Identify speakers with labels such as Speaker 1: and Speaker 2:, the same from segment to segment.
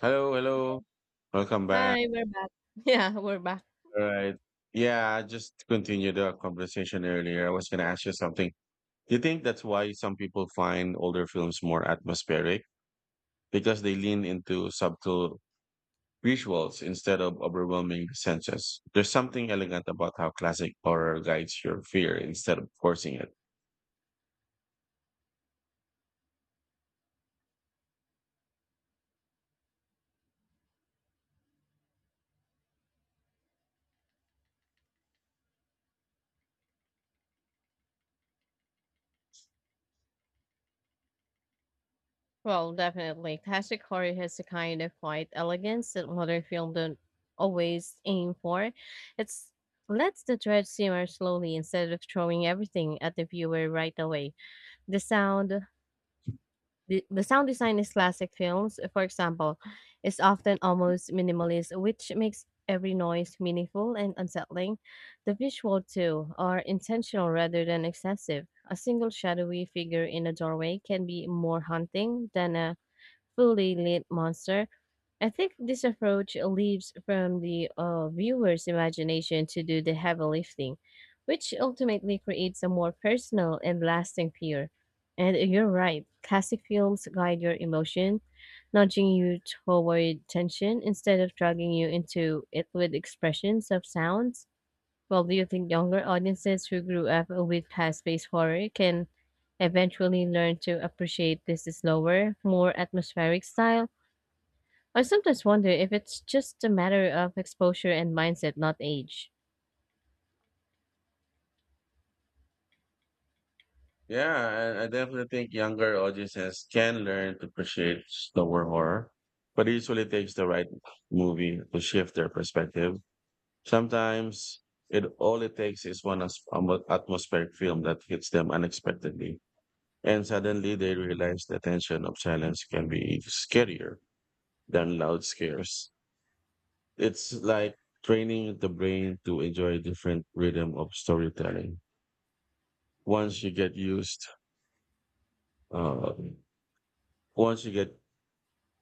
Speaker 1: Hello, hello. Welcome back.
Speaker 2: Hi, we're back. Yeah, we're back.
Speaker 1: All right. Yeah, just to continue the conversation earlier, I was going to ask you something. Do you think that's why some people find older films more atmospheric? Because they lean into subtle visuals instead of overwhelming the senses. There's something elegant about how classic horror guides your fear instead of forcing it.
Speaker 2: Well, definitely. Classic horror has a kind of quiet elegance that modern film don't always aim for. It's lets the dread simmer slowly instead of throwing everything at the viewer right away. The sound, the sound design in classic films, for example, is often almost minimalist, which makes every noise meaningful and unsettling. The visual, too, are intentional rather than excessive. A single shadowy figure in a doorway can be more haunting than a fully lit monster. I think this approach leaves from the viewer's imagination to do the heavy lifting, which ultimately creates a more personal and lasting peer. And you're right, classic films guide your emotion, nudging you toward tension instead of dragging you into it with expressions of sounds. Well, do you think younger audiences who grew up with past based horror can eventually learn to appreciate this slower, more atmospheric style? I sometimes wonder if it's just a matter of exposure and mindset, not age.
Speaker 1: Yeah, I definitely think younger audiences can learn to appreciate slower horror, but it usually takes the right movie to shift their perspective. Sometimes it all it takes is one atmospheric film that hits them unexpectedly, and suddenly they realize the tension of silence can be scarier than loud scares. It's like training the brain to enjoy a different rhythm of storytelling. Once you get used, uh, once you get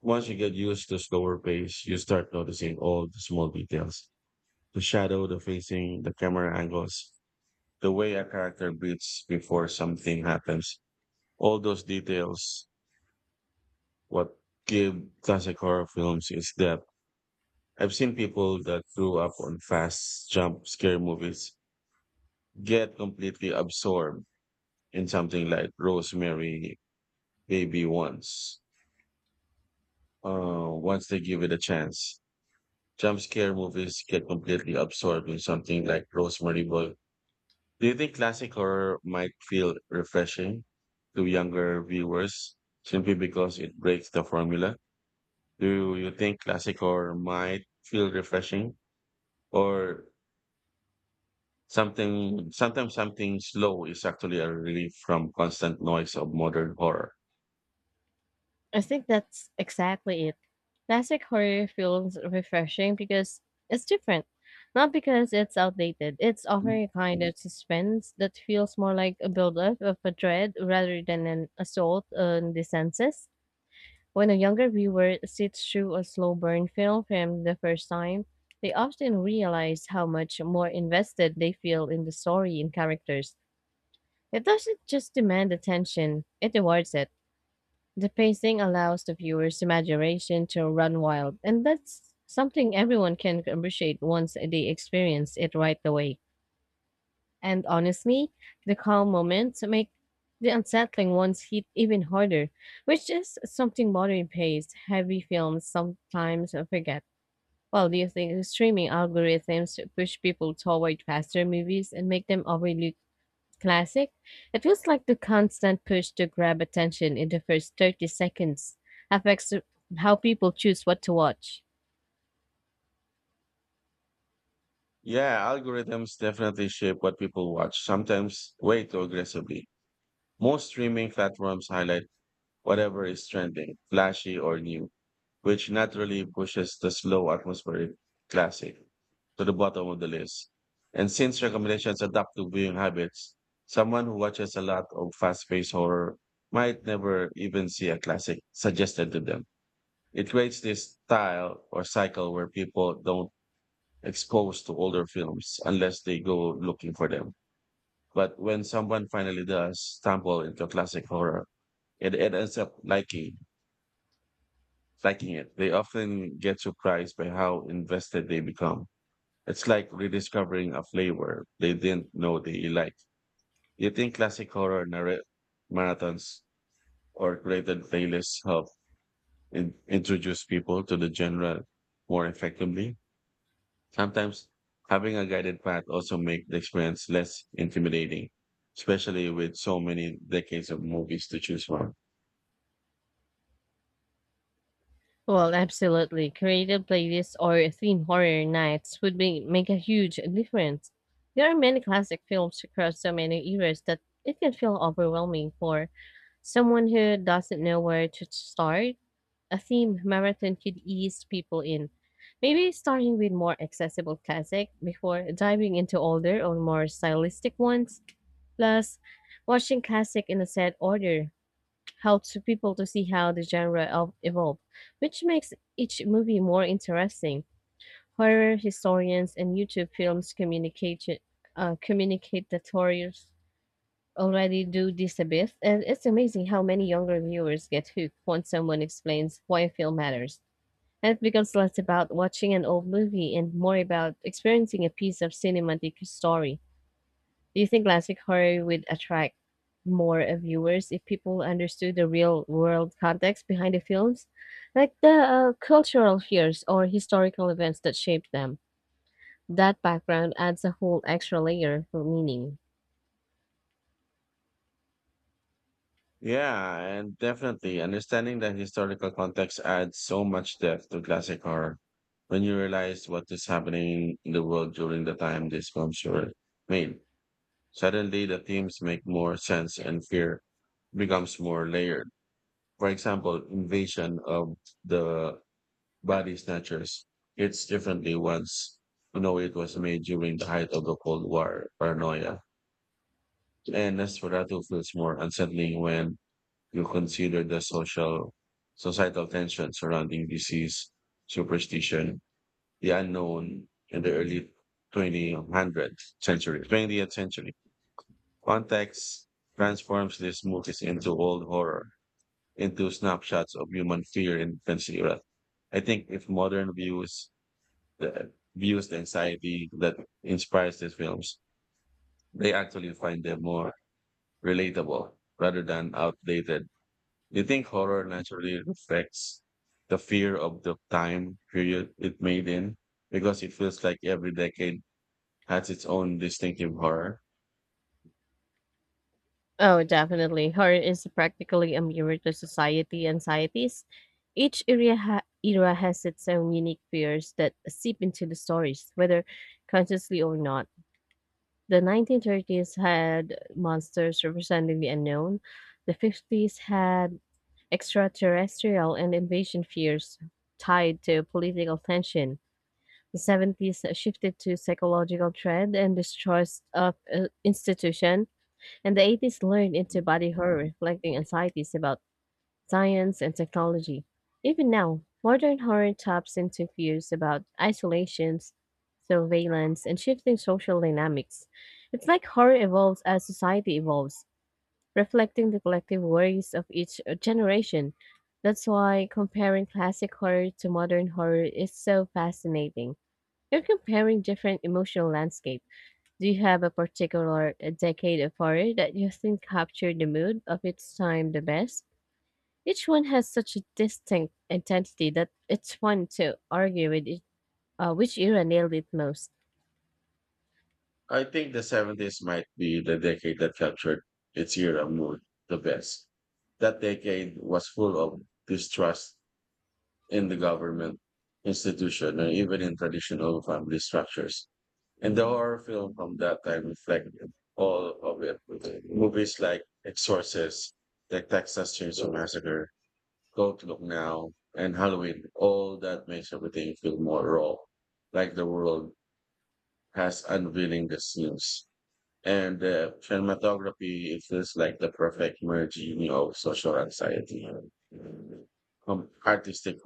Speaker 1: once you get used to slower pace, you start noticing all the small details, the shadow, the facing, the camera angles, the way a character breathes before something happens. All those details, what give classic horror films its depth. I've seen people that grew up on fast jump scare movies get completely absorbed in something like Rosemary Baby once. Once they give it a chance. Jump scare movies get completely absorbed in something like Do you think classic horror might feel refreshing to younger viewers simply because it breaks the formula? Do you think classic horror might feel refreshing or sometimes something slow is actually a relief from constant noise of modern horror?
Speaker 2: I think that's exactly it. Classic horror feels refreshing because it's different. Not because it's outdated. It's offering a kind of suspense that feels more like a buildup of a dread rather than an assault on the senses. When a younger viewer sits through a slow burn film from the first time, they often realize how much more invested they feel in the story and characters. It doesn't just demand attention, it rewards it. The pacing allows the viewer's imagination to run wild, and that's something everyone can appreciate once they experience it right away. And honestly, the calm moments make the unsettling ones hit even harder, which is something modern paced, heavy films sometimes forget. Well, do you think streaming algorithms push people toward faster movies and make them overly classic? It feels like the constant push to grab attention in the first 30 seconds affects how people choose what to watch.
Speaker 1: Yeah, algorithms definitely shape what people watch, sometimes way too aggressively. Most streaming platforms highlight whatever is trending, flashy, or new, which naturally pushes the slow atmospheric classic to the bottom of the list. And since recommendations adapt to viewing habits, someone who watches a lot of fast paced horror might never even see a classic suggested to them. It creates this style or cycle where people don't expose to older films unless they go looking for them. But when someone finally does stumble into classic horror, it ends up liking it. They often get surprised by how invested they become. It's like rediscovering a flavor they didn't know they liked. Do you think classic marathons or curated playlists help introduce people to the genre more effectively? Sometimes having a guided path also make the experience less intimidating, especially with so many decades of movies to choose from.
Speaker 2: Well, absolutely. Creative playlists or theme horror nights would be, make a huge difference. There are many classic films across so many eras that it can feel overwhelming for someone who doesn't know where to start. A themed marathon could ease people in. Maybe starting with more accessible classic before diving into older or more stylistic ones. Plus, watching classic in a set order helps people to see how the genre evolved, which makes each movie more interesting. Horror historians and YouTube films communicate communicators already do this a bit, and it's amazing how many younger viewers get hooked once someone explains why a film matters. And it becomes less about watching an old movie and more about experiencing a piece of cinematic story. Do you think classic horror would attract more viewers if people understood the real world context behind the films, like the cultural fears or historical events that shaped them? That background adds a whole extra layer of meaning.
Speaker 1: Yeah, and definitely understanding the historical context adds so much depth to classic horror. When you realize what is happening in the world during the time these films were made, suddenly the themes make more sense and fear becomes more layered. For example, invasion of the body snatchers hits differently once you know it was made during the height of the Cold War paranoia. And Nosferatu feels more unsettling when you consider the social societal tension surrounding disease, superstition, the unknown, in the early 2000th century, 20th century. Context transforms these movies into old horror, into snapshots of human fear in defense era. I think if modern views the anxiety that inspires these films, they actually find them more relatable rather than outdated. You think horror naturally reflects the fear of the time period it made in? Because it feels like every decade has its own distinctive horror.
Speaker 2: Oh, definitely. Horror is practically a mirror to society anxieties. Era has its own unique fears that seep into the stories, whether consciously or not. The 1930s had monsters representing the unknown, the 50s had extraterrestrial and invasion fears tied to political tension. The 70s shifted to psychological dread and distrust of institutions, and the 80s learned into body horror, reflecting anxieties about science and technology. Even now, modern horror taps into fears about isolations, surveillance, and shifting social dynamics. It's like horror evolves as society evolves, reflecting the collective worries of each generation. That's why comparing classic horror to modern horror is so fascinating. You're comparing different emotional landscapes. Do you have a particular decade of horror that you think captured the mood of its time the best? Each one has such a distinct intensity that it's fun to argue with it, which era nailed it most.
Speaker 1: I think the 70s might be the decade that captured its era mood the best. That decade was full of distrust in the government institution and even in traditional family structures. And the horror film from that time reflected all of it. Movies like Exorcist, the Texas Chainsaw Massacre, Don't Look Now, and Halloween, all that makes everything feel more raw, like the world has unveiling the scenes. And the cinematography, it feels like the perfect merging of social anxiety and artistic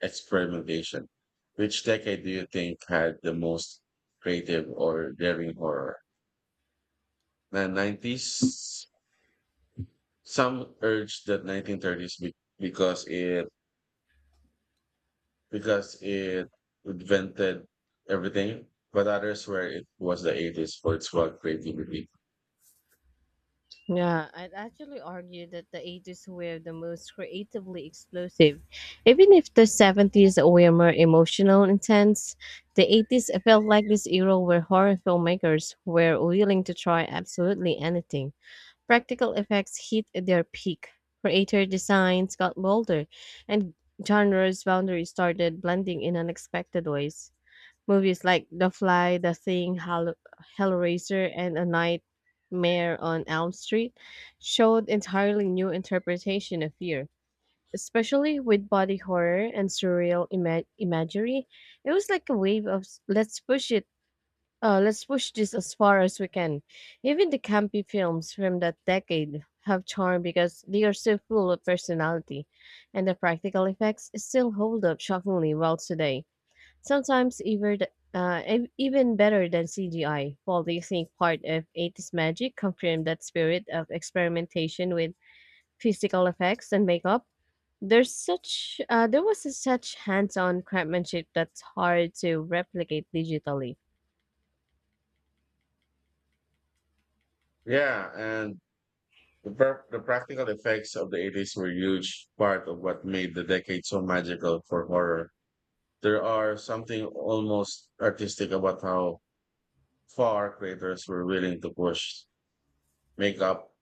Speaker 1: experimentation. Which decade do you think had the most creative or daring horror? The 90s, some urge the 1930s because it invented everything, but others where it was the 80s for its wild creativity.
Speaker 2: Yeah, I'd actually argue that the 80s were the most creatively explosive. Even if the 70s were more emotional and intense, the 80s felt like this era where horror filmmakers were willing to try absolutely anything. Practical effects hit their peak. Creator designs got bolder, and genre's boundaries started blending in unexpected ways. Movies like The Fly, The Thing, Hellraiser, and A Nightmare on Elm Street showed entirely new interpretation of fear. Especially with body horror and surreal imagery, it was like a wave of let's push it let's push this as far as we can. Even the campy films from that decade have charm because they are so full of personality, and the practical effects still hold up shockingly well today. Sometimes even even better than CGI. While they think part of 80s magic confirmed that spirit of experimentation with physical effects and makeup, there was a such hands-on craftsmanship that's hard to replicate digitally.
Speaker 1: Yeah, and the practical effects of the 80s were a huge part of what made the decade so magical for horror. There are something almost artistic about how far creators were willing to push makeup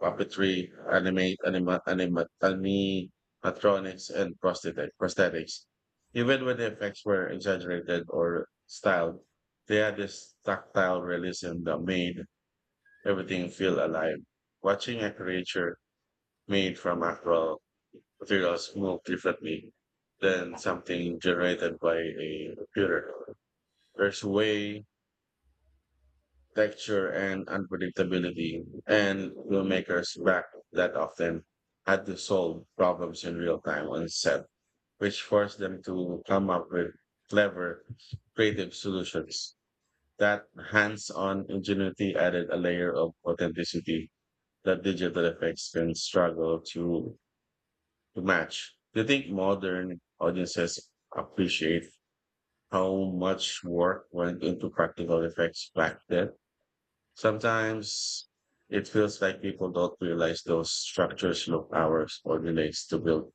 Speaker 1: puppetry, animatronics, and prosthetics. Even when the effects were exaggerated or styled, they had this tactile realism that made everything feel alive. Watching a creature made from actual materials move differently than something generated by a computer. There's way texture and unpredictability, and filmmakers back that often had to solve problems in real time on set, which forced them to come up with clever, creative solutions. That hands on ingenuity added a layer of authenticity that digital effects can struggle to match. Do you think modern audiences appreciate how much work went into practical effects back then? Sometimes it feels like people don't realize those structures look hours or minutes to build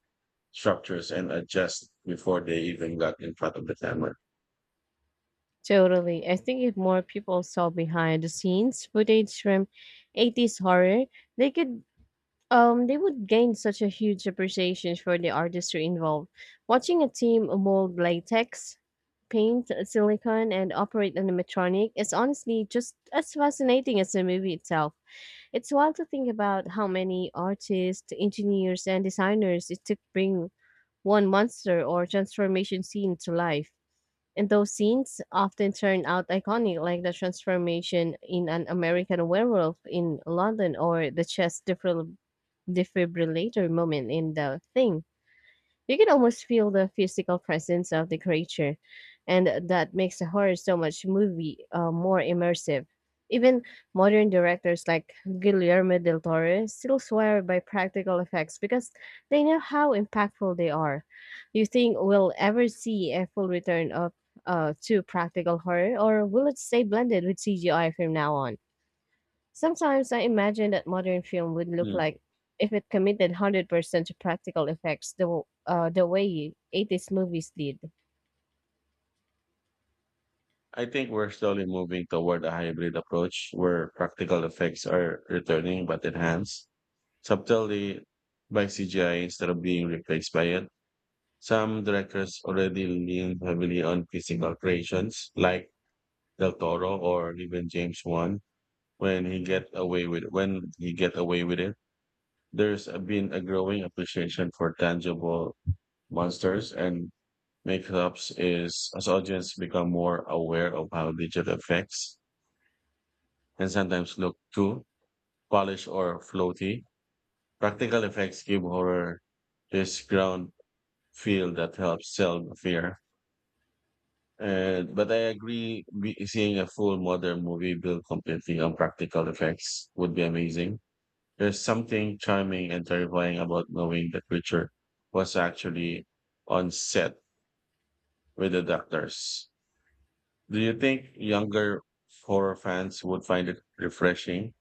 Speaker 1: structures and adjust before they even got in front of the camera.
Speaker 2: Totally. I think if more people saw behind the scenes footage from 80s horror, they could they would gain such a huge appreciation for the artistry involved. Watching a team mold latex, paint silicone and operate animatronic is honestly just as fascinating as the movie itself. It's wild to think about how many artists, engineers and designers it took to bring one monster or transformation scene to life. And those scenes often turn out iconic, like the transformation in an American werewolf in London or the chest defibrillator moment in the thing. You can almost feel the physical presence of the creature, and that makes a horror so much movie more immersive. Even modern directors like Guillermo del Toro still swear by practical effects because they know how impactful they are. Do you think we'll ever see a full return of to practical horror, or will it stay blended with CGI from now on? Sometimes I imagine that modern film would look
Speaker 1: Mm.
Speaker 2: like if it committed 100% to practical effects the way 80s movies did.
Speaker 1: I think we're slowly moving toward a hybrid approach where practical effects are returning but enhanced subtly by CGI instead of being replaced by it. Some directors already lean heavily on physical creations like Del Toro or even James Wan, when he get away with it. There's been a growing appreciation for tangible monsters and makeups is as audience become more aware of how digital effects and sometimes look too polished or floaty. Practical effects give horror this ground feel that helps sell the fear. And but I agree, seeing a full modern movie built completely on practical effects would be amazing. There's something charming and terrifying about knowing the creature was actually on set with the doctors. Do you think younger horror fans would find it refreshing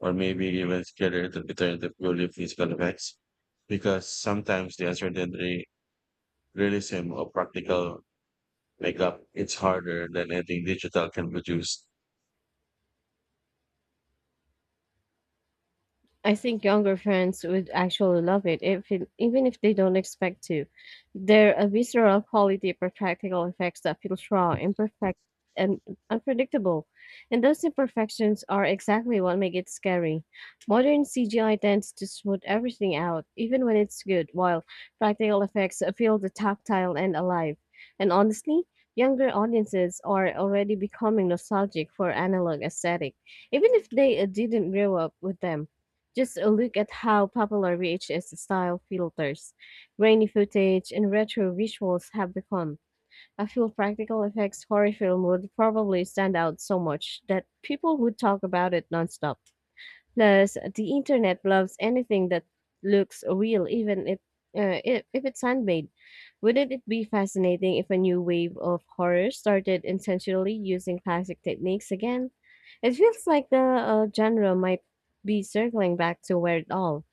Speaker 1: or maybe even scarier to return to purely physical effects? Because sometimes the uncertainty, realism, or practical makeup it's harder than anything digital can produce.
Speaker 2: I think younger fans would actually love it, if it, even if they don't expect to. There a visceral quality for practical effects that feels raw, imperfect, and unpredictable. And those imperfections are exactly what make it scary. Modern CGI tends to smooth everything out, even when it's good, while practical effects feel the tactile and alive. And honestly, younger audiences are already becoming nostalgic for analog aesthetic, even if they didn't grow up with them. Just a look at how popular VHS style filters, grainy footage, and retro visuals have become. I feel practical effects horror film would probably stand out so much that people would talk about it nonstop. Plus, the internet loves anything that looks real, even if it's handmade. Wouldn't it be fascinating if a new wave of horror started intentionally using classic techniques again? It feels like the genre might be circling back to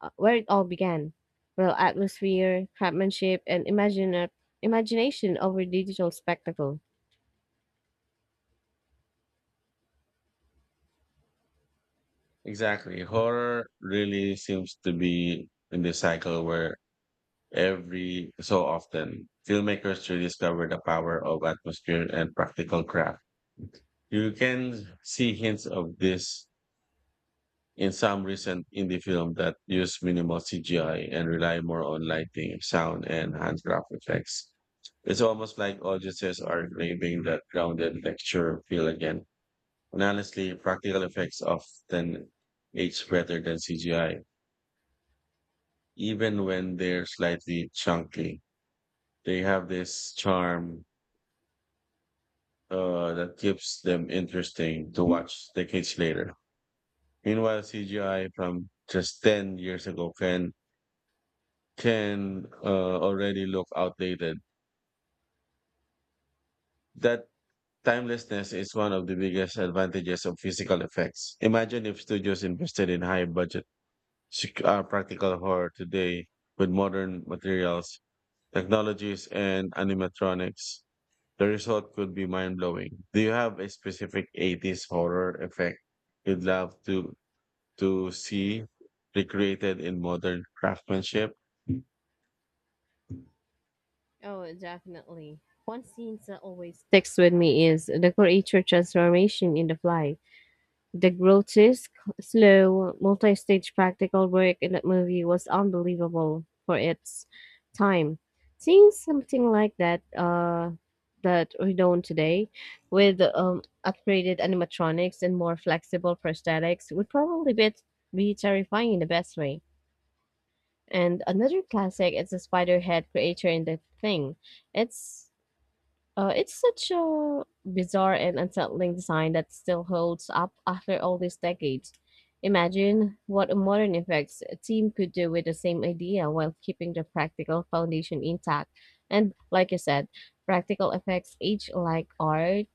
Speaker 2: where it all began. Well, atmosphere, craftsmanship, and imagination over digital spectacle.
Speaker 1: Exactly. Horror really seems to be in the cycle where every so often, filmmakers rediscover the power of atmosphere and practical craft. You can see hints of this in some recent indie film that use minimal CGI and rely more on lighting, sound, and handcraft effects. It's almost like audiences are craving that grounded lecture feel again. And honestly, practical effects often age better than CGI, even when they're slightly chunky. They have this charm that keeps them interesting to watch decades later. Meanwhile, CGI from just 10 years ago can already look outdated. That timelessness is one of the biggest advantages of physical effects. Imagine if studios invested in high budget practical horror today with modern materials, technologies, and animatronics. The result could be mind blowing. Do you have a specific 80s horror effect you'd love to see recreated in modern craftsmanship?
Speaker 2: Oh, definitely. One scene that always sticks with me is the creature transformation in The Fly. The grotesque, slow, multi stage practical work in that movie was unbelievable for its time. Seeing something like that that we don't today with upgraded animatronics and more flexible prosthetics would probably be terrifying in the best way. And another classic is the spider head creature in the thing. It's it's such a bizarre and unsettling design that still holds up after all these decades. Imagine what a modern effects team could do with the same idea while keeping the practical foundation intact. And like you said, practical effects age like art.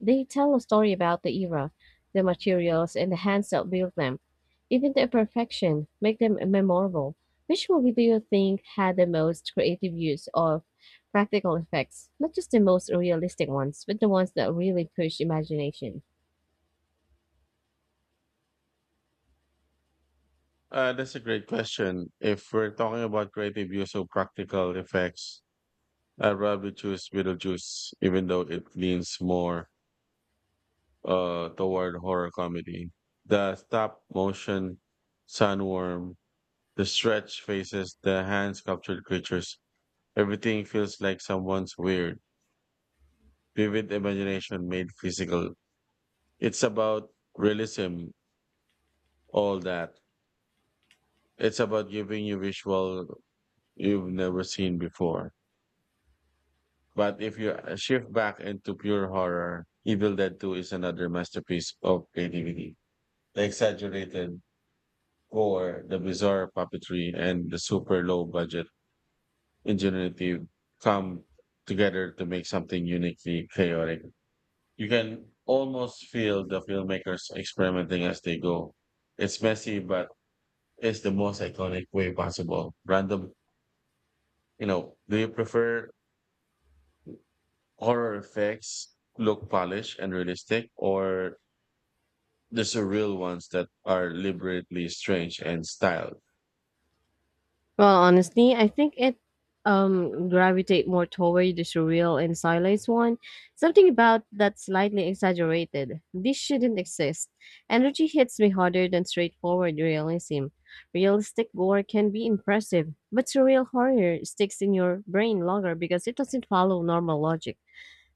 Speaker 2: They tell a story about the era, the materials, and the hands that built them. Even the imperfection make them memorable. Which movie do you think had the most creative use of practical effects? Not just the most realistic ones, but the ones that really push imagination.
Speaker 1: That's a great question. If we're talking about creative use of practical effects, I'd rather choose Beetlejuice, even though it leans more toward horror comedy. The stop motion sandworm, the stretched faces, the hand sculptured creatures. Everything feels like someone's weird, vivid imagination made physical. It's about realism, all that. It's about giving you visual you've never seen before. But if you shift back into pure horror, Evil Dead 2 is another masterpiece of creativity. The exaggerated gore, the bizarre puppetry, and the super low budget ingenuity come together to make something uniquely chaotic. You can almost feel the filmmakers experimenting as they go. It's messy, but it's the most iconic way possible. Random, you know, do you prefer horror effects look polished and realistic or the surreal ones that are deliberately strange and styled?
Speaker 2: Well, honestly, I think it gravitate more toward the surreal and stylized one. Something about that slightly exaggerated. This shouldn't exist. Energy hits me harder than straightforward realism. Realistic gore can be impressive, but surreal horror sticks in your brain longer because it doesn't follow normal logic.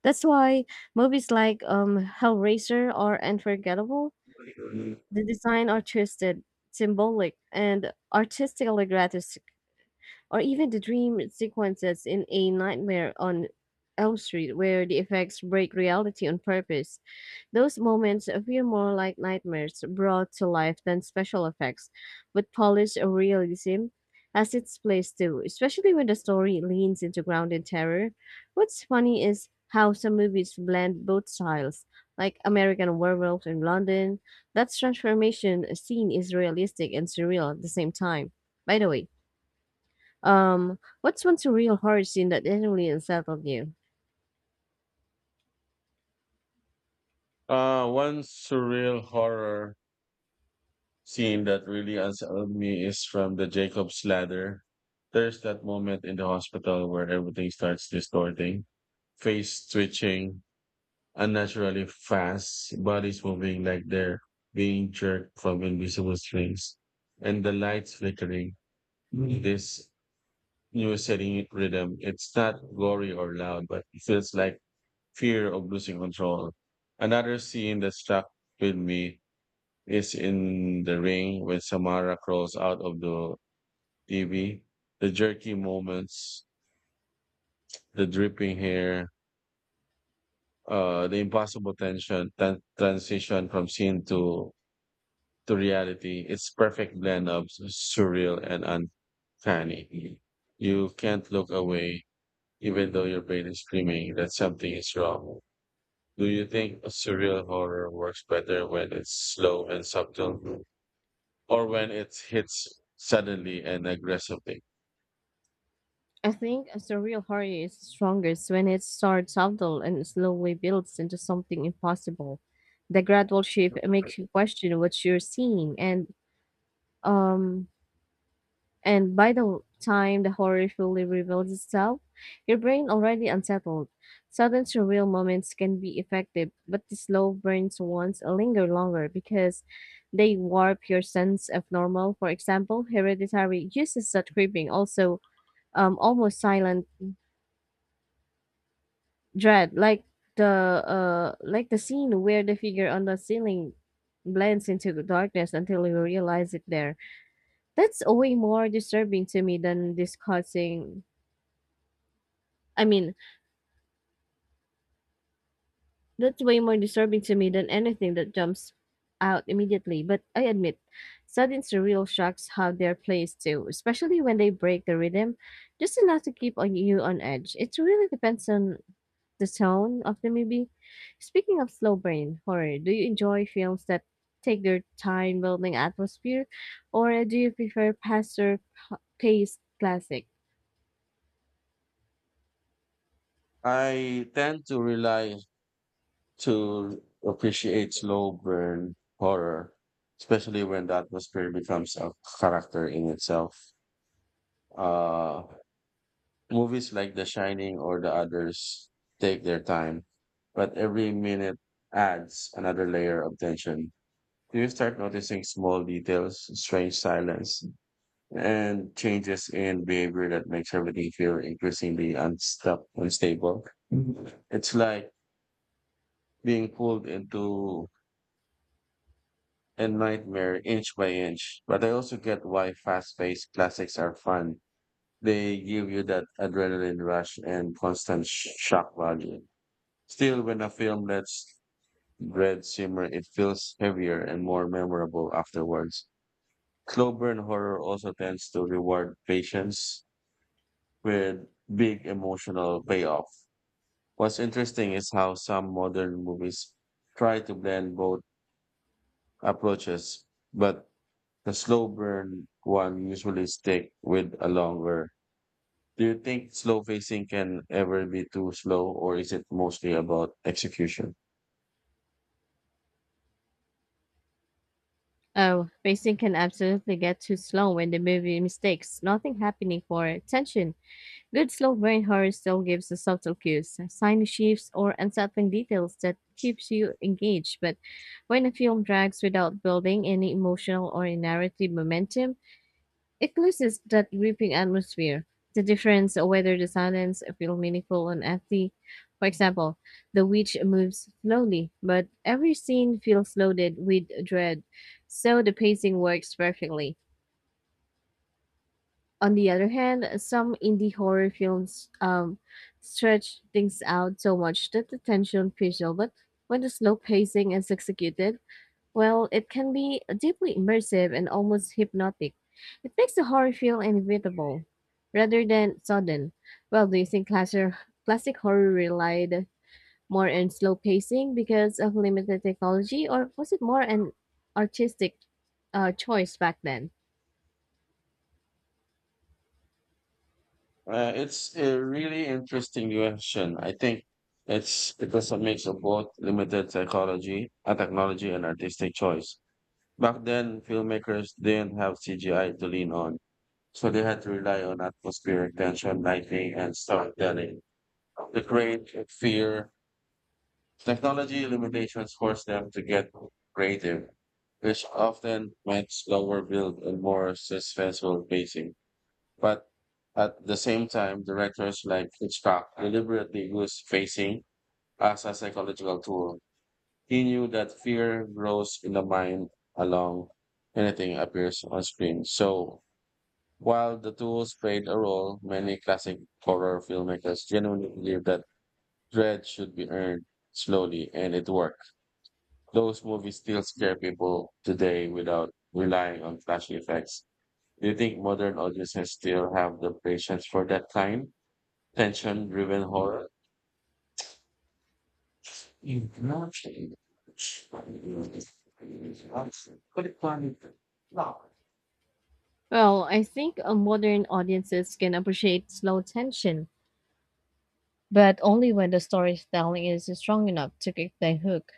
Speaker 2: That's why movies like Hellraiser are unforgettable. The design are twisted, symbolic, and or even the dream sequences in A Nightmare on Elm Street, where the effects break reality on purpose. Those moments feel more like nightmares brought to life than special effects, but polished realism has its place too, especially when the story leans into grounded terror. What's funny is how some movies blend both styles, like American Werewolf in London. That transformation scene is realistic and surreal at the same time. By the way, what's one surreal horror scene that genuinely unsettled you?
Speaker 1: One surreal horror scene that really unsettled me is from the Jacob's Ladder. There's that moment in the hospital where everything starts distorting, face twitching unnaturally fast, bodies moving like they're being jerked from invisible strings, and the lights flickering. Mm. This new setting rhythm, it's not gory or loud, but it feels like fear of losing control. Another scene that stuck with me is in the ring when Samara crawls out of the TV. The jerky moments, the dripping hair, the impossible tension, transition from scene to reality. It's perfect blend of surreal and uncanny. You can't look away, even though your brain is screaming that something is wrong. Do you think surreal horror works better when it's slow and subtle, or when it hits suddenly and aggressively?
Speaker 2: I think a surreal horror is strongest when it starts subtle and slowly builds into something impossible. The gradual shift makes you question what you're seeing, um, and by the time the horror fully reveals itself, your brain already unsettled. Sudden surreal moments can be effective, but the slow burns ones linger longer because they warp your sense of normal. For example, hereditary uses that creeping, also almost silent dread, the like the scene where the figure on the ceiling blends into the darkness until you realize it there. That's way more disturbing to me than discussing I mean, that's way more disturbing to me than anything that jumps out immediately. But I admit, sudden surreal shocks have their place too, especially when they break the rhythm, just enough to keep on you on edge. It really depends on the tone of the movie. Speaking of slow brain horror, do you enjoy films that take their time building atmosphere, or do you prefer faster paced classic?
Speaker 1: I tend to appreciate slow burn horror, especially when the atmosphere becomes a character in itself. Uh, Movies like The Shining or The Others take their time, but every minute adds another layer of tension. You start noticing small details, strange silence, and changes in behavior that makes everything feel increasingly unstable. Mhm. It's like being pulled into a nightmare inch by inch. But I also get why fast paced classics are fun. They give you that adrenaline rush and constant shock value. Still, when a film lets dread simmer, it feels heavier and more memorable afterwards. Slow burn horror also tends to reward patience with big emotional payoff. What's interesting is how some modern movies try to blend both approaches, but the slow burn one usually stick with a longer. Do you think slow facing can ever be too slow, or is it mostly about execution?
Speaker 2: Oh, pacing can absolutely get too slow when the movie mistakes nothing happening for tension. Good slow brain horror still gives the subtle cues, tiny shifts or unsettling details that keeps you engaged. But when a film drags without building any emotional or narrative momentum, it loses that gripping atmosphere. The difference whether the silence feels meaningful and empty. For example, the witch moves slowly, but every scene feels loaded with dread, so the pacing works perfectly. On the other hand, some indie horror films stretch things out so much that the tension feels but when the slow pacing is executed, well, it can be deeply immersive and almost hypnotic. It makes the horror feel inevitable rather than sudden. Well, do you think classic horror relied more on slow pacing because of limited technology, or was it more an artistic choice back then?
Speaker 1: It's a really interesting question. I think it was a mix of both limited psychology, technology, and artistic choice. Back then, filmmakers didn't have CGI to lean on, so they had to rely on atmospheric tension, lighting, and storytelling to create fear. Technology limitations force them to get creative, which often meant slower build and more suspenseful pacing. But at the same time, directors like Hitchcock deliberately used pacing as a psychological tool. He knew that fear grows in the mind along anything appears on screen. So while the tools played a role, many classic horror filmmakers genuinely believed that dread should be earned slowly, and it worked. Those movies still scare people today without relying on flashy effects. Do you think modern audiences still have the patience for that kind? Tension driven horror? You've not changed. Could it plan? No.
Speaker 2: Well, I think modern audiences can appreciate slow tension, but only when the storytelling is strong enough to kick the hook.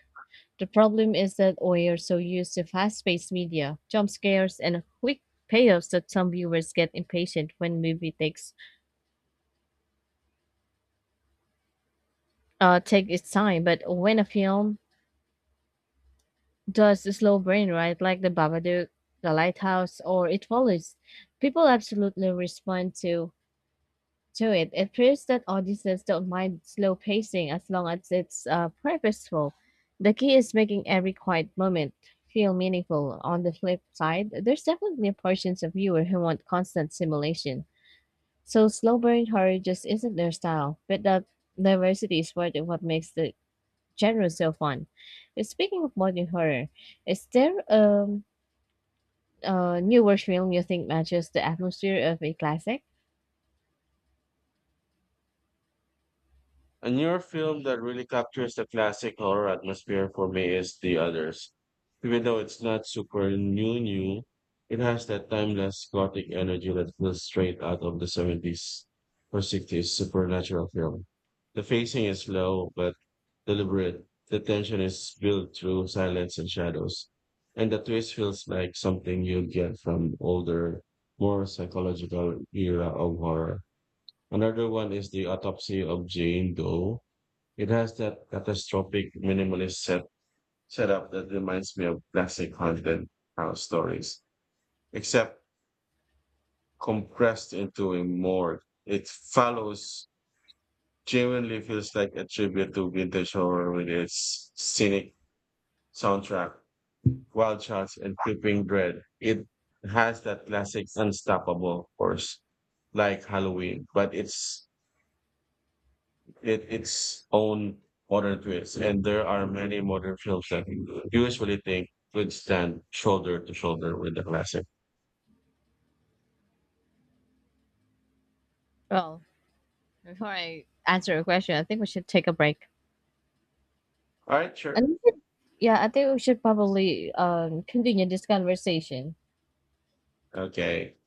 Speaker 2: The problem is that we are so used to fast paced media, jump scares, and quick payoffs that some viewers get impatient when movie take its time. But when a film does a slow brain right, like The Babadook, The Lighthouse, or It Follows, people absolutely respond to it. It proves that audiences don't mind slow pacing as long as it's purposeful. The key is making every quiet moment feel meaningful. On the flip side, there's definitely portions of viewer who want constant simulation. So slow burn horror just isn't their style, but that diversity is part of what makes the genre so fun. Speaking of modern horror, is there a newer film you think matches the atmosphere of a classic?
Speaker 1: A newer film that really captures the classic horror atmosphere for me is The Others. Even though it's not super new, it has that timeless gothic energy that feels straight out of the 70s or 60s supernatural film. The pacing is slow but deliberate. The tension is built through silence and shadows. And the twist feels like something you'd get from older, more psychological era of horror. Another one is the autopsy of Jane Doe it has that catastrophic minimalist setup that reminds me of classic haunted house stories, except compressed into a more. It follows genuinely feels like a tribute to vintage horror with its scenic soundtrack, wild shots, and creeping dread. It has that classic unstoppable force like Halloween, but it's it its own modern twist, and there are many modern films that you usually think would stand shoulder to shoulder with the classic.
Speaker 2: Well, before I answer your question, I think we should take a break.
Speaker 1: All right, sure.
Speaker 2: And we yeah, I think we should probably continue this conversation.
Speaker 1: Okay.